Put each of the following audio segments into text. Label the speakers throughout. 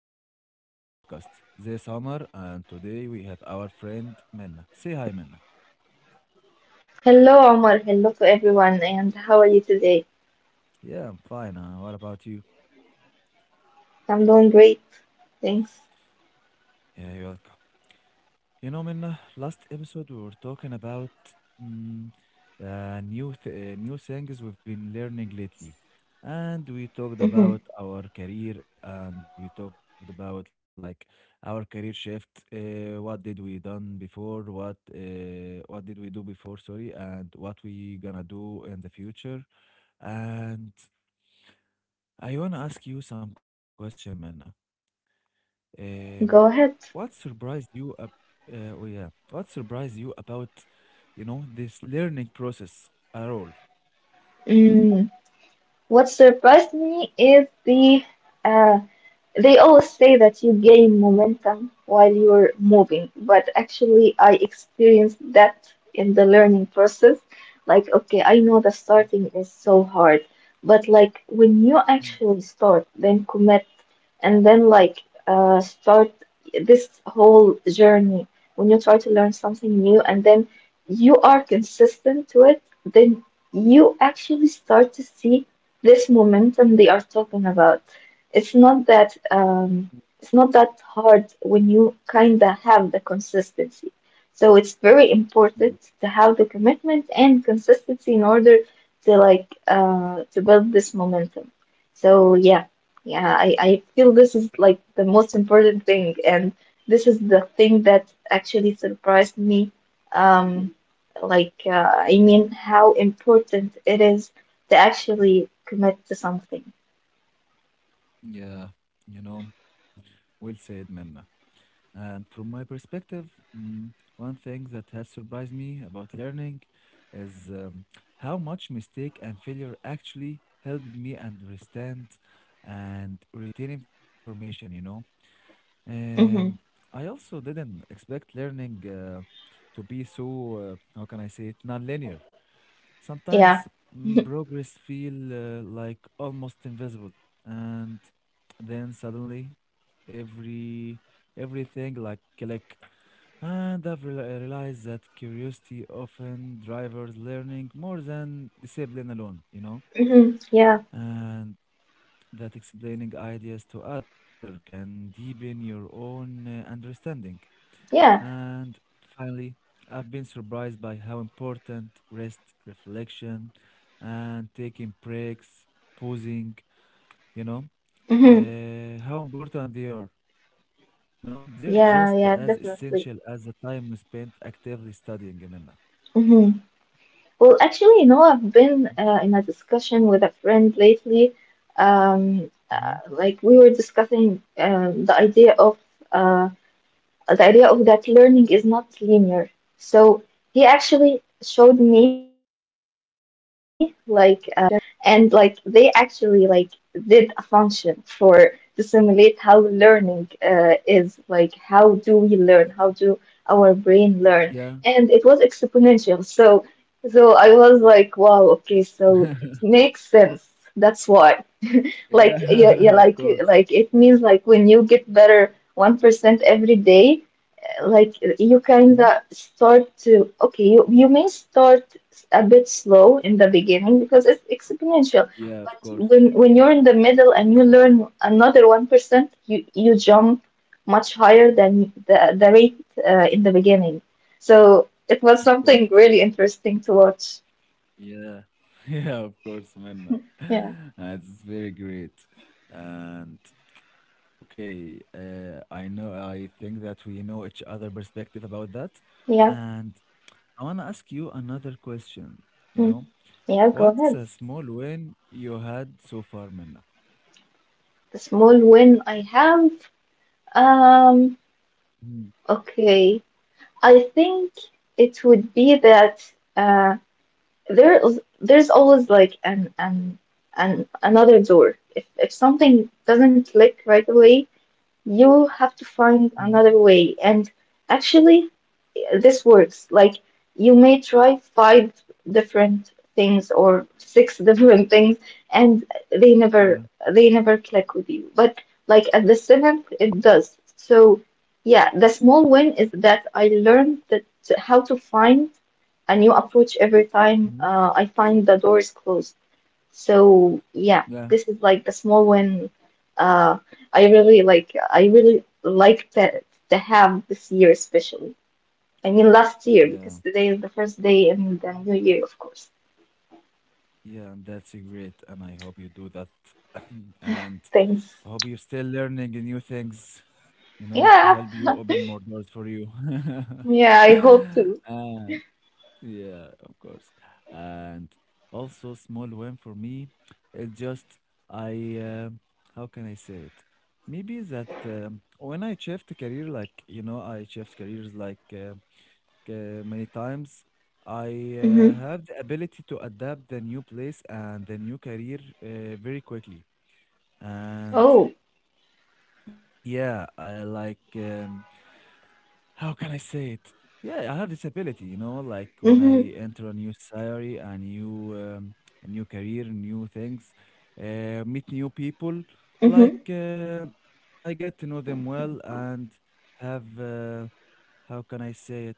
Speaker 1: welcome back to our podcast this summer. And today we have our friend Minna. Say hi, Minna.
Speaker 2: Hello, Omar. Hello to everyone. And how are you today?
Speaker 1: Yeah, I'm fine. What about you?
Speaker 2: I'm doing great. Thanks.
Speaker 1: Yeah, you're You know, Minna, last episode we were talking about mm, new things we've been learning lately, and we talked
Speaker 2: Mhm.
Speaker 1: about our career, and we talked about like our career shift. What did we done before? What did we do before? Sorry, and what we gonna do in the future? And I wanna ask you some question, Minna. Um,
Speaker 2: Go ahead.
Speaker 1: what surprised you ab- oh yeah, what surprised you about, you know, this learning process at all?
Speaker 2: Mm. What surprised me is the uh, they always say that you gain momentum while you're moving, but actually, I experienced that in the learning process. Like, okay, I know the starting is so hard, but like when you
Speaker 1: Mm,
Speaker 2: actually start, then commit, and then like start this whole journey, when you try to learn something new and then you are consistent to it, then you actually start to see this momentum they are talking about. It's not that um, it's not that hard when you kind of have the consistency. So it's very
Speaker 1: mm,
Speaker 2: important to have the commitment and consistency in order to like to build this momentum. So yeah, yeah, I feel this is like the most important thing, and this is the thing that actually surprised me. Um, like I mean, how important it is to actually commit to something.
Speaker 1: Yeah, you know, well said, Minna. And from my perspective, mm, one thing that has surprised me about learning is how much mistake and failure actually helped me understand and retain information, you know. Um,
Speaker 2: Hmm.
Speaker 1: I also didn't expect learning to be so, how can I say it, non-linear.
Speaker 2: Yeah.
Speaker 1: Sometimes progress feel like almost invisible, and then suddenly every everything like click and I've realized that curiosity often drives learning more than discipline alone, you know,
Speaker 2: Hmm. Yeah,
Speaker 1: and that explaining ideas to others can deepen your own understanding.
Speaker 2: yeah,
Speaker 1: And finally, I've been surprised by how important rest, reflection, and taking breaks, pausing, you know,
Speaker 2: hmm,
Speaker 1: how important they are. You know, they're just as
Speaker 2: yeah, yeah,
Speaker 1: essential as
Speaker 2: definitely.
Speaker 1: the time we spend actively studying, Amina.
Speaker 2: Hmm. Well, actually, I've been in a discussion with a friend lately.
Speaker 1: Mhm.
Speaker 2: Like we were discussing the idea of uh, the idea of that learning is not linear. So he actually showed me like a function, and like they actually like did a function for to simulate how learning is like how do we learn? How do our brain learn?
Speaker 1: Yeah.
Speaker 2: And it was exponential. So I was like, wow, okay, so it makes sense. That's why. Like yeah,
Speaker 1: Yeah,
Speaker 2: yeah,
Speaker 1: of
Speaker 2: like
Speaker 1: course.
Speaker 2: like it means like when you get better 1% every day like you
Speaker 1: Mhm.
Speaker 2: kind of start to okay you may start a bit slow in the beginning because it's exponential
Speaker 1: Yeah, of
Speaker 2: but
Speaker 1: course.
Speaker 2: when you're in the middle and you learn another 1% you jump much higher than the rate in the beginning so it was
Speaker 1: Of
Speaker 2: something
Speaker 1: course.
Speaker 2: really interesting to watch.
Speaker 1: Yeah. Yeah, of course, man.
Speaker 2: Yeah.
Speaker 1: It's very great. And okay, I know, I think that we know each other perspective about that.
Speaker 2: Yeah.
Speaker 1: And I want to ask you another question. You
Speaker 2: Mm.
Speaker 1: know,
Speaker 2: Yeah, go
Speaker 1: what's
Speaker 2: ahead.
Speaker 1: a small win you had so far, Minna?
Speaker 2: The small win I have, um
Speaker 1: Mhm.
Speaker 2: okay, I think it would be that there's always like an another door. If something doesn't click right away, you have to find
Speaker 1: Mhm.
Speaker 2: another way. And actually, this works. Like, you may try five different things or six different things, and they never
Speaker 1: Yeah.
Speaker 2: they never click with you. But like at the seventh, it does. So yeah, the small win is that I learned that how to find a new approach every time
Speaker 1: Mhm.
Speaker 2: I find the doors closed. So yeah,
Speaker 1: Yeah.
Speaker 2: this is like the small win. Uh, I really like that to have this year especially. I mean last year because
Speaker 1: Yeah.
Speaker 2: today is the first day in the new year, of course.
Speaker 1: Yeah, and that's great, and I hope you do that. And
Speaker 2: Thanks.
Speaker 1: I hope you're still learning new things, you know, to
Speaker 2: Yeah,
Speaker 1: help you open more doors for you.
Speaker 2: yeah. I hope to.
Speaker 1: And yeah, of course. And also, small win for me, it just I how can I say it? Maybe that when I shift career, like you know, I shift careers like, many times. I
Speaker 2: Mm-hmm.
Speaker 1: have the ability to adapt the new place and the new career very quickly. And
Speaker 2: Oh.
Speaker 1: yeah, how can I say it? Yeah, I have this ability, you know, like when
Speaker 2: Mm-hmm.
Speaker 1: I enter a new salary, a new career, new things, meet new people,
Speaker 2: Mm-hmm.
Speaker 1: I get to know them well and have how can I say it?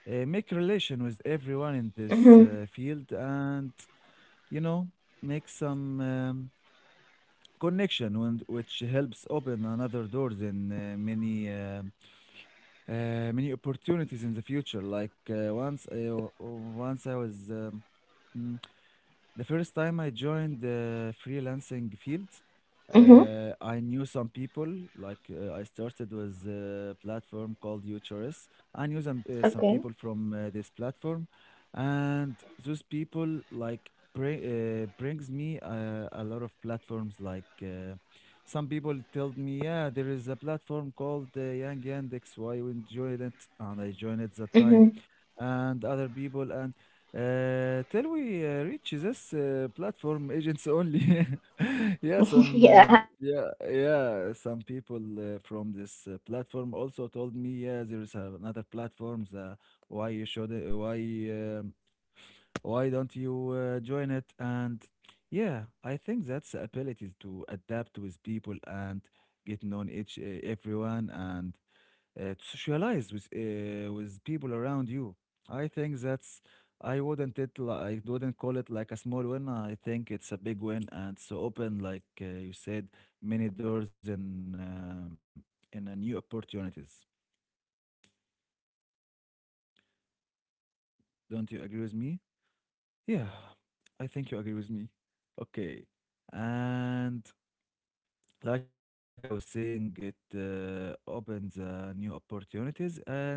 Speaker 1: Make relation with everyone in this
Speaker 2: Mm-hmm.
Speaker 1: field, and you know, make some connection, when, which helps open another doors in many opportunities in the future. Like once I w- once I was. Mm, The first time I joined the freelancing field,
Speaker 2: Mm-hmm.
Speaker 1: I knew some people. I started with a platform called UHRS. I knew some
Speaker 2: Okay.
Speaker 1: people from this platform, and those people like brings me a lot of platforms. Some people told me, yeah, there is a platform called Yang Yandex. Why you enjoyed it? And I joined at the time,
Speaker 2: Mm-hmm.
Speaker 1: and other people and till we reach this platform agents only. yeah, some um,
Speaker 2: Yeah.
Speaker 1: yeah yeah some people from this platform also told me yeah there is another platforms why you should uh, why um, why don't you join it and yeah I think that's the ability to adapt with people and get known each everyone and to socialize with people around you. I think that's I wouldn't it li- I wouldn't call it like a small win. I think it's a big win and so open like you said many doors and new opportunities. Don't you agree with me? Yeah, I
Speaker 2: Yes,
Speaker 1: think you agree with
Speaker 2: definitely
Speaker 1: me.
Speaker 2: I do.
Speaker 1: Okay,
Speaker 2: Yeah, I do agree with you.
Speaker 1: and
Speaker 2: Actually, like you
Speaker 1: like
Speaker 2: talked
Speaker 1: I was
Speaker 2: about
Speaker 1: saying,
Speaker 2: the
Speaker 1: it
Speaker 2: connections.
Speaker 1: uh, opens new opportunities and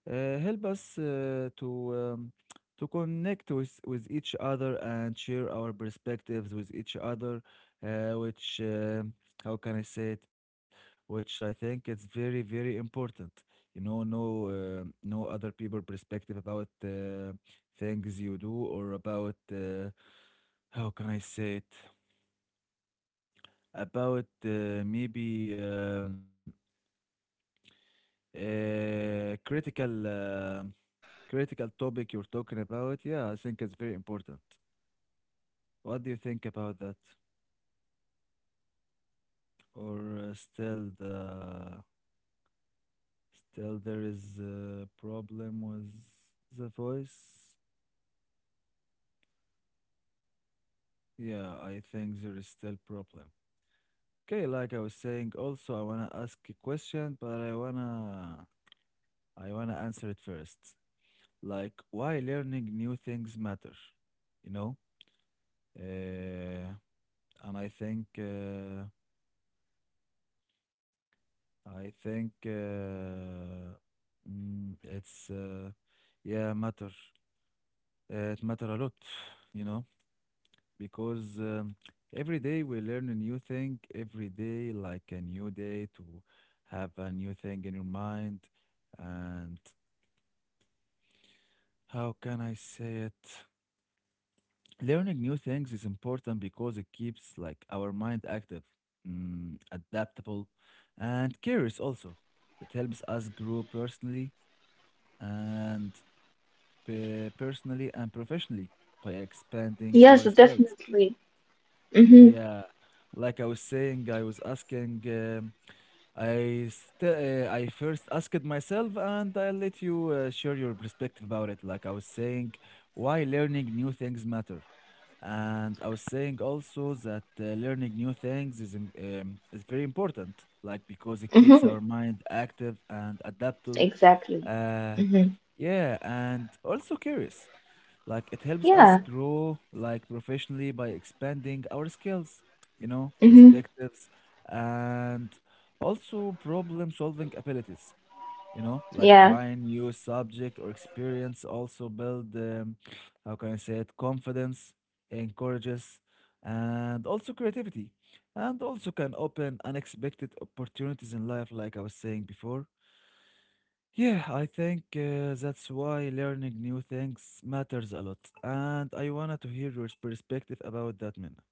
Speaker 1: uh,
Speaker 2: Mm-hmm.
Speaker 1: help us to connect with each other and share our perspectives with each other, which how can I say it? Which I think it's very very important. You know,
Speaker 2: Yeah.
Speaker 1: no other people perspective about things you do or about how can I say it? About maybe uh, critical. um critical topic you're talking about, yeah, I think it's very important.
Speaker 2: Yeah, actually,
Speaker 1: What do you
Speaker 2: like
Speaker 1: think about that?
Speaker 2: the importance of building connections,
Speaker 1: Or
Speaker 2: especially
Speaker 1: still
Speaker 2: in like
Speaker 1: the
Speaker 2: professional settings.
Speaker 1: Still there is
Speaker 2: Um,
Speaker 1: a problem with the voice? Yeah, I think there is still problem. Okay, like I was saying, also I wanna ask a question, but I wanna answer it first. Like why
Speaker 2: okay.
Speaker 1: learning new things matter, you know?
Speaker 2: Mm-hmm. Yeah.
Speaker 1: Uh, and I think
Speaker 2: Mm-hmm.
Speaker 1: mm, it's uh, yeah matter it matter a lot,
Speaker 2: Yeah,
Speaker 1: you
Speaker 2: definitely.
Speaker 1: know, because
Speaker 2: Mm. Definitely.
Speaker 1: every day we learn a new thing. Every day, like a new day, to have a new thing in your mind. And how can I say it? Learning new things is important because it keeps like our mind active, adaptable, and curious. Also, it helps us grow personally and personally and professionally by expanding
Speaker 2: Yes,
Speaker 1: our skills.
Speaker 2: definitely. Mm-hmm.
Speaker 1: Yeah, like I was saying, I was asking, I st- I first asked myself, and I let you share your perspective about it. Like I was saying, why learning new things matter, and I was saying also that learning new things is very important. Like because it keeps
Speaker 2: Mm-hmm.
Speaker 1: our mind active and adaptable.
Speaker 2: Exactly.
Speaker 1: Uh,
Speaker 2: Mm-hmm.
Speaker 1: yeah, and also curious. Like it helps us
Speaker 2: Yeah.
Speaker 1: grow like professionally by expanding our skills, you know,
Speaker 2: Mm-hmm.
Speaker 1: perspectives, and also problem solving abilities, you know, like
Speaker 2: Yeah.
Speaker 1: trying new subject or experience also build how can I say it, confidence, encourages, and also creativity, and also can open unexpected opportunities in life, like I was saying before. Yeah, I think that's why learning new things matters a lot. And I wanted to hear your perspective about that, Minna.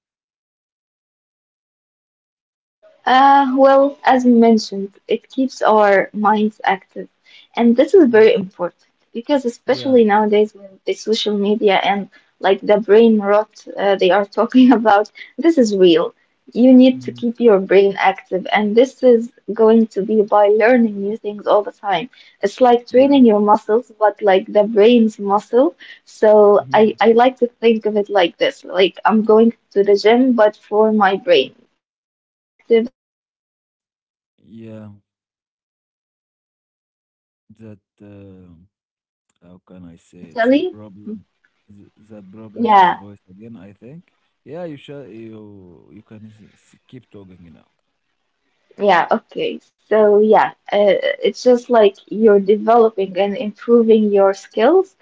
Speaker 2: Well, as we mentioned, it keeps our minds active, and this is
Speaker 1: Mhm.
Speaker 2: very important because,
Speaker 1: Yeah.
Speaker 2: especially nowadays with the social media and like the brain rot they are talking about, this is real. You need to
Speaker 1: hmm
Speaker 2: keep your brain active, and this is going to be by learning new things all the time. It's like
Speaker 1: Yeah.
Speaker 2: training your muscles, but like the brain's muscle. So I,
Speaker 1: hmm
Speaker 2: I like to think of it like this, like I'm going to the gym, but for my brain to keep it active and like to
Speaker 1: Yeah.
Speaker 2: be like to be stronger but I don't mean
Speaker 1: That,
Speaker 2: stronger as physical
Speaker 1: how
Speaker 2: but I
Speaker 1: can I
Speaker 2: mean
Speaker 1: say, it's a
Speaker 2: mentally.
Speaker 1: problem. That problem
Speaker 2: Yeah.
Speaker 1: with voice again, I think. Yeah, you can keep talking now.
Speaker 2: Yeah, okay, so yeah, it's just like you're developing and improving your skills.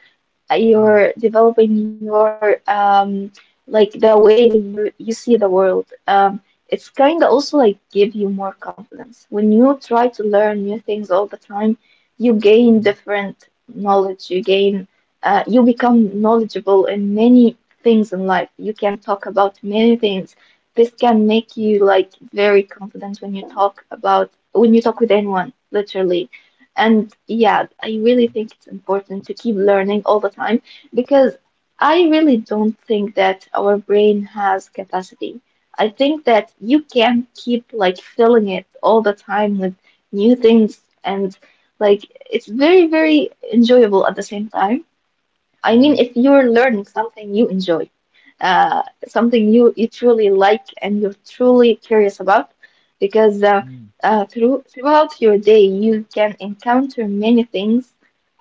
Speaker 1: Mhm.
Speaker 2: You're developing your like the way you see the world. It's kind of also like give you more confidence. When you try to learn new things all the time, you gain
Speaker 1: Mhm.
Speaker 2: different knowledge. You gain you become knowledgeable in many things in life. You can talk about many things. This can make you like very confident when you talk with anyone, literally. And yeah,
Speaker 1: Mhm.
Speaker 2: I really think it's important to keep learning all the time because I really don't think that our brain has capacity. I think that you can't keep like filling it all the time with new things and like it's very, very enjoyable at the same time. I
Speaker 1: Yeah.
Speaker 2: mean, if you're learning something you enjoy, something you truly like and you're truly curious about, because
Speaker 1: Mhm.
Speaker 2: throughout your day you can encounter many things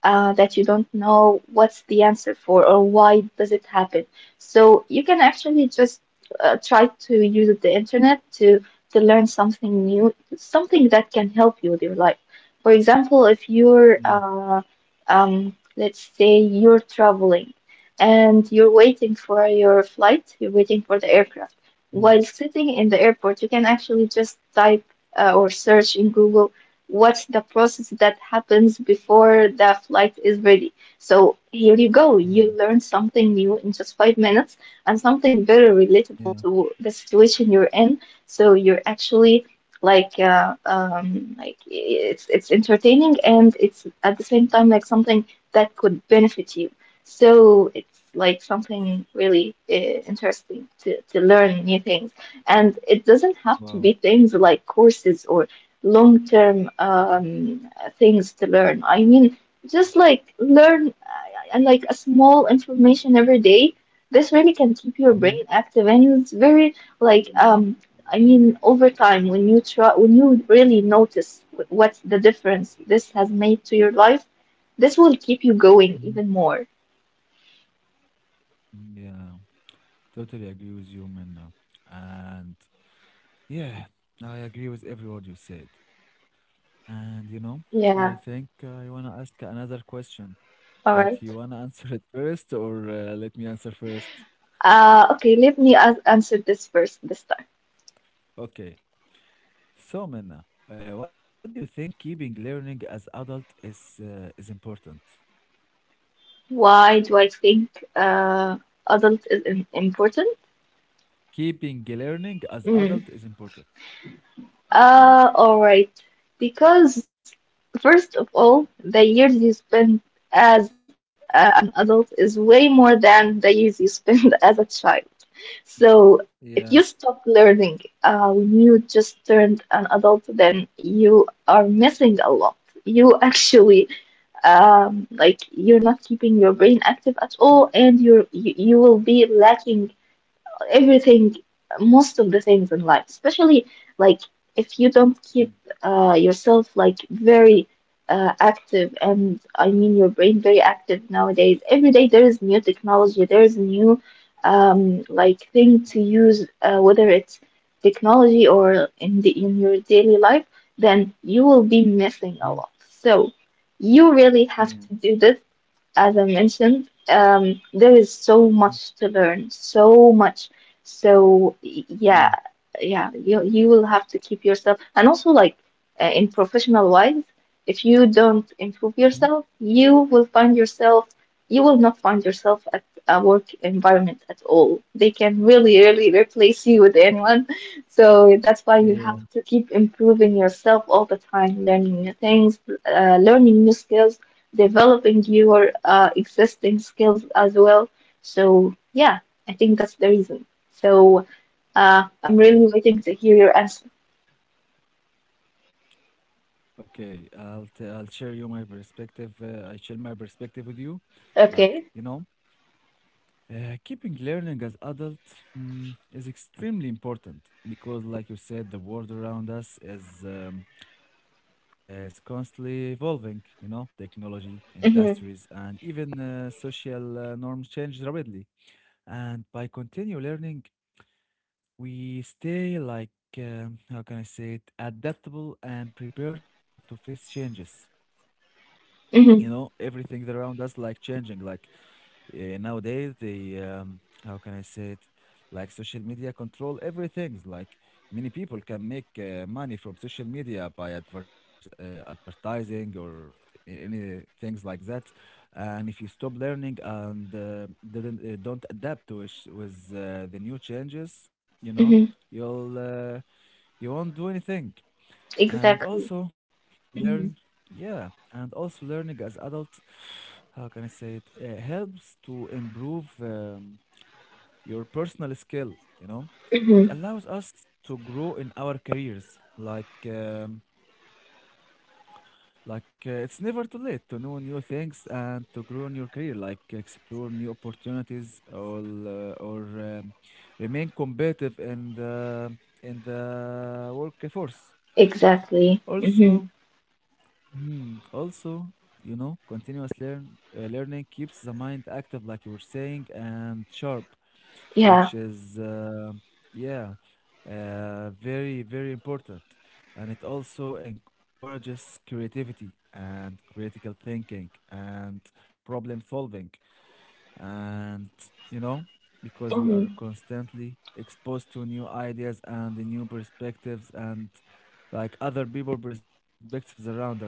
Speaker 2: that you don't know what's the answer for or why does it happen. So you can actually just try to use the internet to learn something new, something that can help you with your life. For example,
Speaker 1: Yeah.
Speaker 2: if you're let's say you're traveling and you're waiting for your flight, you're waiting for the aircraft.
Speaker 1: Mhm.
Speaker 2: While sitting in the airport, you can actually just type or search in Google what's the process that happens before the flight is ready. So
Speaker 1: Mhm.
Speaker 2: here you go, you learn something new in just 5 minutes and something
Speaker 1: Yeah.
Speaker 2: very relatable to the situation you're in. So you're actually like it's entertaining and it's at the same time like something that could benefit you. So it's like something really interesting to learn new things. And it
Speaker 1: Wow.
Speaker 2: doesn't have to be things like courses or long-term things to learn. I mean, just like learn and like a small information every day. This really
Speaker 1: hmm
Speaker 2: can keep your brain active and it's very like I mean over time when you try when you really notice what's the difference this has made to your life, this will
Speaker 1: hmm
Speaker 2: keep you going even more.
Speaker 1: Yeah. Totally agree with you, Minna. And yeah, I agree with every word you said. And you know, I think I
Speaker 2: Yeah,
Speaker 1: wanna ask another question, but you wanna
Speaker 2: all right.
Speaker 1: answer it first, or let me answer first?
Speaker 2: Okay, let me as answer this first this time.
Speaker 1: Okay. So, Minna, what do you think keeping learning as adult is important?
Speaker 2: Why do I think adult is im important?
Speaker 1: Keeping learning as adult is important.
Speaker 2: Mm. All right. Because first of all, the years you spend as an adult is way more than the years you spend as a child.
Speaker 1: Mm. Yeah.
Speaker 2: So if you stop learning when you just turned an adult, then you are missing a lot. You actually like you're not keeping your brain active at all and you will be lacking everything, most of the things in life, especially like if
Speaker 1: Mm.
Speaker 2: you don't keep yourself like very active, and I mean your brain very active nowadays. Every day there is new technology, there is new like thing to use, whether it's technology or in the in your daily life, then you
Speaker 1: Mm.
Speaker 2: will be missing a lot. So
Speaker 1: Yeah.
Speaker 2: you really have to do this, as I mentioned, there
Speaker 1: Mm.
Speaker 2: is so much to learn, so much. So
Speaker 1: Yeah.
Speaker 2: y- yeah, yeah, you will have to keep yourself, and also like in professional wise, if you
Speaker 1: Mm.
Speaker 2: don't improve yourself, you will not find yourself at a work environment at all. They can really, really replace you with anyone. So that's why you have to keep improving yourself all the time, learning new things, learning new skills, developing your existing skills as well. So yeah, I think that's the reason. So
Speaker 1: Yeah.
Speaker 2: I'm really waiting to hear your answer.
Speaker 1: Okay, I'll share you my perspective. I share my perspective with you. Like, you know,
Speaker 2: Okay.
Speaker 1: keeping learning as adult is extremely important because, like you said, the world around us is constantly evolving. You know, technology, industries, and
Speaker 2: Mhm.
Speaker 1: even social norms change rapidly. And by continue learning, we stay like, how can I say it, adaptable and prepared to face changes you know everything
Speaker 2: Mhm.
Speaker 1: around us like changing like nowadays the, how can I say it like social media control everything like many people can make money from social media by advertising or any things like that and if you stop learning and didn't don't adapt to it with the new changes you know
Speaker 2: Mhm.
Speaker 1: you'll uh, you won't do anything and also
Speaker 2: Exactly.
Speaker 1: learn
Speaker 2: Mhm.
Speaker 1: yeah and also learning as adult how can I say it helps to improve your personal skill you know it allows
Speaker 2: Mhm.
Speaker 1: us to grow in our careers like, it's never too late to know new things and to grow in your career like explore new opportunities or remain competitive in the workforce
Speaker 2: Exactly.
Speaker 1: also
Speaker 2: Mhm.
Speaker 1: Mm, also, you know, continuous learning keeps the mind active, like you were saying, and sharp, which is
Speaker 2: Yeah.
Speaker 1: yeah, very very important. And it also encourages creativity and critical thinking and problem solving, and you know, because we are
Speaker 2: Mhm.
Speaker 1: constantly exposed to new ideas and the new perspectives and like other people perspectives around us.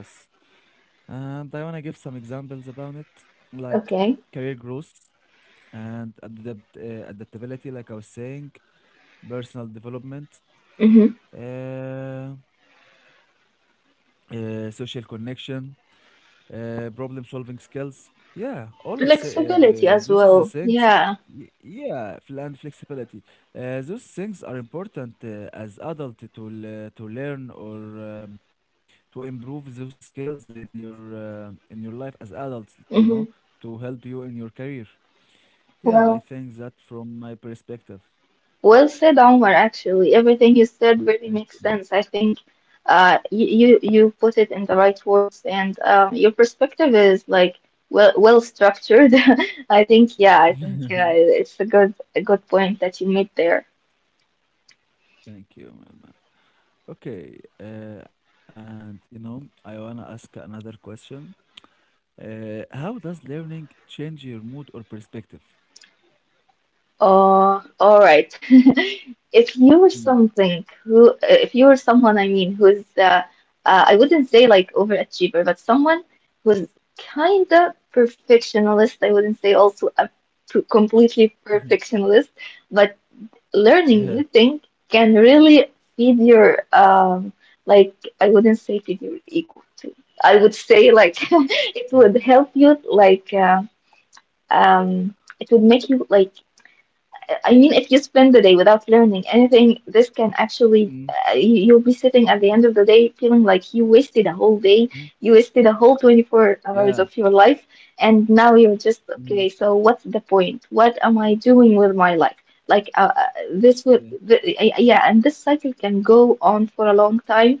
Speaker 1: And I want to give some examples about it, like career
Speaker 2: Okay.
Speaker 1: growth and adaptability, like I was saying, personal development,
Speaker 2: Mhm.
Speaker 1: uh, social connection, problem solving skills. Yeah, all of the, those is the
Speaker 2: Flexibility as
Speaker 1: things.
Speaker 2: well.
Speaker 1: Y-
Speaker 2: Yeah.
Speaker 1: Yeah, fl- and flexibility. Those things are important as adult to learn or to improve those skills in your life as adults. You know, to help
Speaker 2: Mhm.
Speaker 1: you in your career. Yeah, I think that
Speaker 2: Well.
Speaker 1: from my perspective.
Speaker 2: Well said, Omar, actually.
Speaker 1: Mm.
Speaker 2: Everything you
Speaker 1: Thank you,
Speaker 2: said
Speaker 1: man.
Speaker 2: really makes sense. I think you put it in the right words, and your perspective is like well structured. I think, yeah, I think it's a good point that you made there.
Speaker 1: Thank you, man. Okay, I wanna ask another question. How does learning change your mood or perspective?
Speaker 2: Oh, all right.
Speaker 1: Mm.
Speaker 2: If you were something who, if you were someone, I mean, who's, I wouldn't say like overachiever, but someone who's kind of perfectionist. I wouldn't say also a
Speaker 1: Mhm.
Speaker 2: completely perfectionist, but
Speaker 1: Yeah.
Speaker 2: learning new things can really feed your, like, I wouldn't say feed your ego too. I would say
Speaker 1: Mm.
Speaker 2: like it would help you like, it would make you like, I mean, if you spend the day without learning anything, this can
Speaker 1: Mm.
Speaker 2: actually, you'll be sitting at the end of the day feeling like you
Speaker 1: Mm.
Speaker 2: wasted a whole day, you wasted a whole
Speaker 1: Yeah.
Speaker 2: 24 hours of your life, and now
Speaker 1: Mhm.
Speaker 2: you're just, okay, so what's the point? What am I doing with my life? Like,
Speaker 1: Yeah.
Speaker 2: this would, yeah, and this cycle can go on for a long time.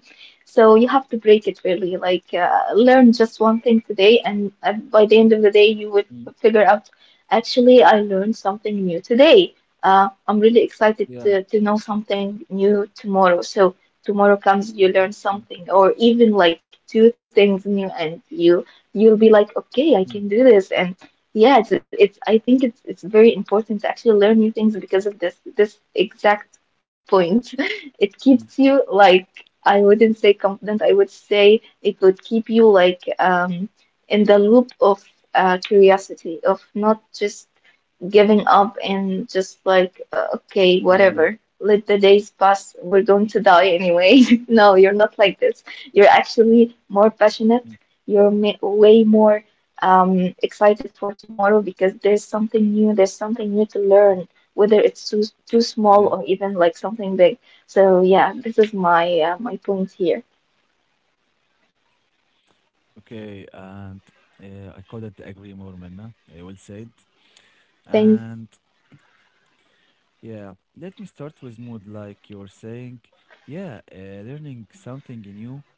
Speaker 2: So you have to break it really, like, learn just one thing today, and by the end
Speaker 1: Mm.
Speaker 2: of the day, you would figure out, actually, I learned something new today. I'm really
Speaker 1: Yeah.
Speaker 2: excited to know something new tomorrow. So tomorrow comes,
Speaker 1: Mm.
Speaker 2: you learn something, or even like two things new, and you'll be
Speaker 1: Mhm.
Speaker 2: like, okay, I can do this. And yeah, it's I think it's very important to actually learn new things because of this exact point.
Speaker 1: Mm.
Speaker 2: It keeps you like, I wouldn't say confident. I would say it would keep you like in the loop of curiosity of not just giving up and just like,
Speaker 1: Yeah.
Speaker 2: okay, whatever, let the days pass. We're going to die anyway. No, you're not like this. You're actually
Speaker 1: Mm.
Speaker 2: more passionate. You're ma way more excited for tomorrow because there's something new to learn, whether it's
Speaker 1: Yeah.
Speaker 2: too small or even like something big. So yeah, this is my my point here.
Speaker 1: Okay. And I couldn't agree more, Minna. I will say it. And
Speaker 2: Thanks.
Speaker 1: yeah, let me start with mood, like you're saying. Yeah, learning something new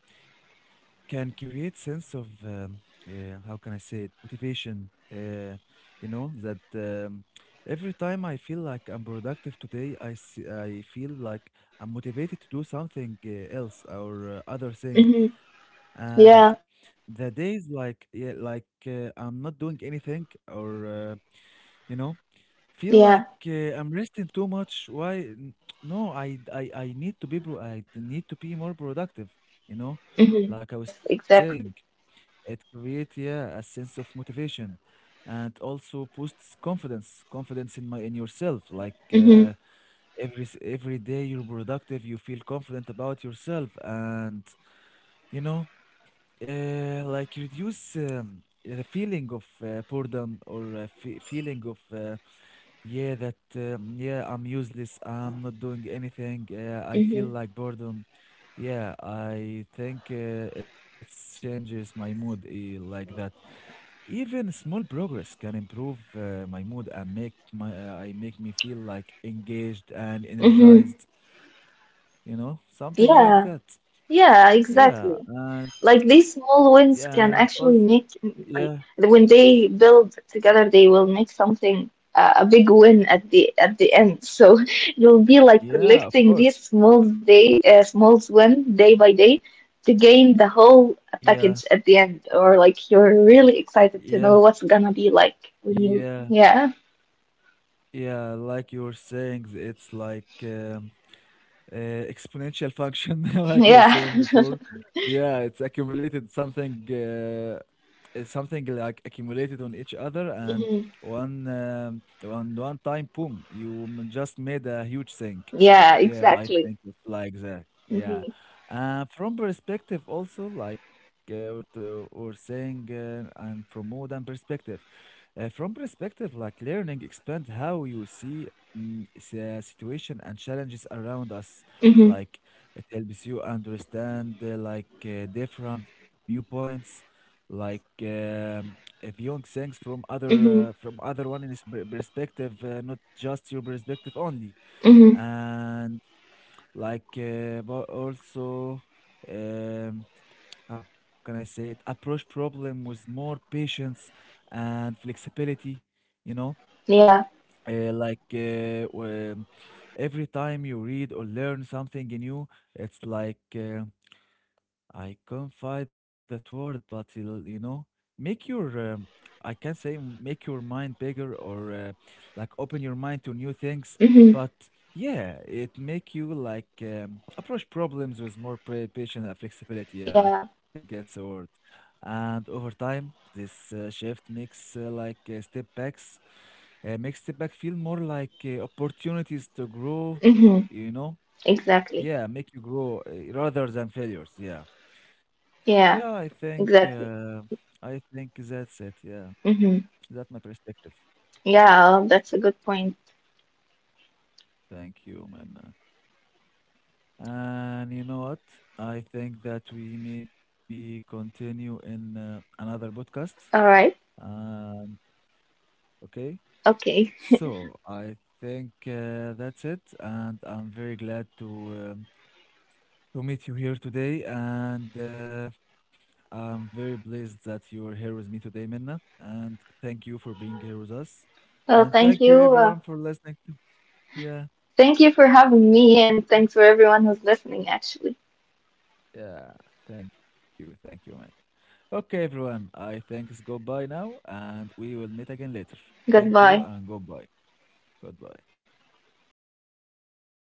Speaker 1: can create sense of how can I say it, motivation. You know that every time I feel like I'm productive today I feel like I'm motivated to do something else or other thing,
Speaker 2: Hmm.
Speaker 1: and the
Speaker 2: Yeah,
Speaker 1: days like yeah, like I'm not doing anything, or uh, you know, feel like I'm
Speaker 2: yeah.
Speaker 1: resting too much, no, I need I need to be more productive, you know, like I was
Speaker 2: Hmm.
Speaker 1: saying.
Speaker 2: Yes,
Speaker 1: It
Speaker 2: exactly.
Speaker 1: creates, yeah, a sense of motivation, and also boosts confidence, confidence in my in yourself. Like
Speaker 2: Hmm.
Speaker 1: every every day you're productive, you feel confident about yourself, and you know, like reduce the feeling of boredom, or fe feeling of yeah, that yeah, I'm useless, I'm not doing anything, I feel like
Speaker 2: Hmm.
Speaker 1: boredom. Yeah, I think it changes my mood like that. Even small progress can improve my mood and make my I make me feel like engaged and energized,
Speaker 2: Hmm.
Speaker 1: you know, something like that.
Speaker 2: Yeah. Yeah,
Speaker 1: Yeah, and
Speaker 2: exactly. Like
Speaker 1: yeah,
Speaker 2: these
Speaker 1: and
Speaker 2: small
Speaker 1: also
Speaker 2: wins can actually
Speaker 1: yeah,
Speaker 2: make, like when they build together, they will make something a big win at the end. So it will
Speaker 1: yeah,
Speaker 2: be
Speaker 1: of
Speaker 2: like
Speaker 1: course.
Speaker 2: collecting these small win day by day to gain the
Speaker 1: Yeah.
Speaker 2: whole package at the end, or
Speaker 1: Y-
Speaker 2: like you're
Speaker 1: Yeah.
Speaker 2: really excited to know what's gonna be like
Speaker 1: Yeah.
Speaker 2: when you yeah.
Speaker 1: Yeah, like you were saying, it's like uh, exponential function, like you were saying before.
Speaker 2: Yeah.
Speaker 1: Yeah, it's accumulated something, it's something like accumulated on each other, and one
Speaker 2: Mhm.
Speaker 1: on one time, boom, just made a huge thing. Yeah, I
Speaker 2: Yeah,
Speaker 1: think it's like
Speaker 2: exactly.
Speaker 1: that. Yeah,
Speaker 2: Hmm.
Speaker 1: from perspective also, like we're saying, I'm from modern perspective. From perspective, like learning expand how you see, mm, the situation and challenges around us. Like
Speaker 2: Hmm.
Speaker 1: it helps you understand like different viewpoints, like viewing things from other one in
Speaker 2: Hmm.
Speaker 1: this perspective, not just your perspective only.
Speaker 2: Hmm.
Speaker 1: And like but also. Um, how can I say it, approach problem with more patience and flexibility, you know?
Speaker 2: Hmm.
Speaker 1: Uh,
Speaker 2: Yeah.
Speaker 1: like uh, um, every time you read or learn something new, it's like I can't find that word, but it'll, you know, make your, I can say, make your mind bigger, or like open your mind to new things. But
Speaker 2: Mm-hmm.
Speaker 1: yeah, it make you like approach problems with more patience and flexibility. Yeah, I think that's the word.
Speaker 2: Yeah.
Speaker 1: And over time, this shift makes makes step back feel more like opportunities to grow. You know,
Speaker 2: Mm-hmm.
Speaker 1: yeah, make you
Speaker 2: Exactly.
Speaker 1: grow, rather than failures. Yeah. Yeah,
Speaker 2: Yeah,
Speaker 1: I
Speaker 2: exactly.
Speaker 1: think that's it. Yeah, that's my
Speaker 2: Mm-hmm.
Speaker 1: perspective.
Speaker 2: Yeah, that's a good point.
Speaker 1: Thank you, man. And you know what? I think that we maybe continue in another podcast.
Speaker 2: All right.
Speaker 1: Um, okay. So
Speaker 2: Okay.
Speaker 1: I think that's it, and I'm very glad um, to meet you here today, and I'm very blessed that you're here with me today, Minna. And thank you for being here with us, and thank you
Speaker 2: Well,
Speaker 1: everyone
Speaker 2: thank
Speaker 1: for
Speaker 2: you.
Speaker 1: listening. To- yeah,
Speaker 2: Thank you for having me, and thanks for everyone who's listening, actually.
Speaker 1: yeah, thank you, man. Okay, everyone, I think it's goodbye now, and we will meet again later. Thank you and goodbye.
Speaker 2: Goodbye.
Speaker 1: Goodbye.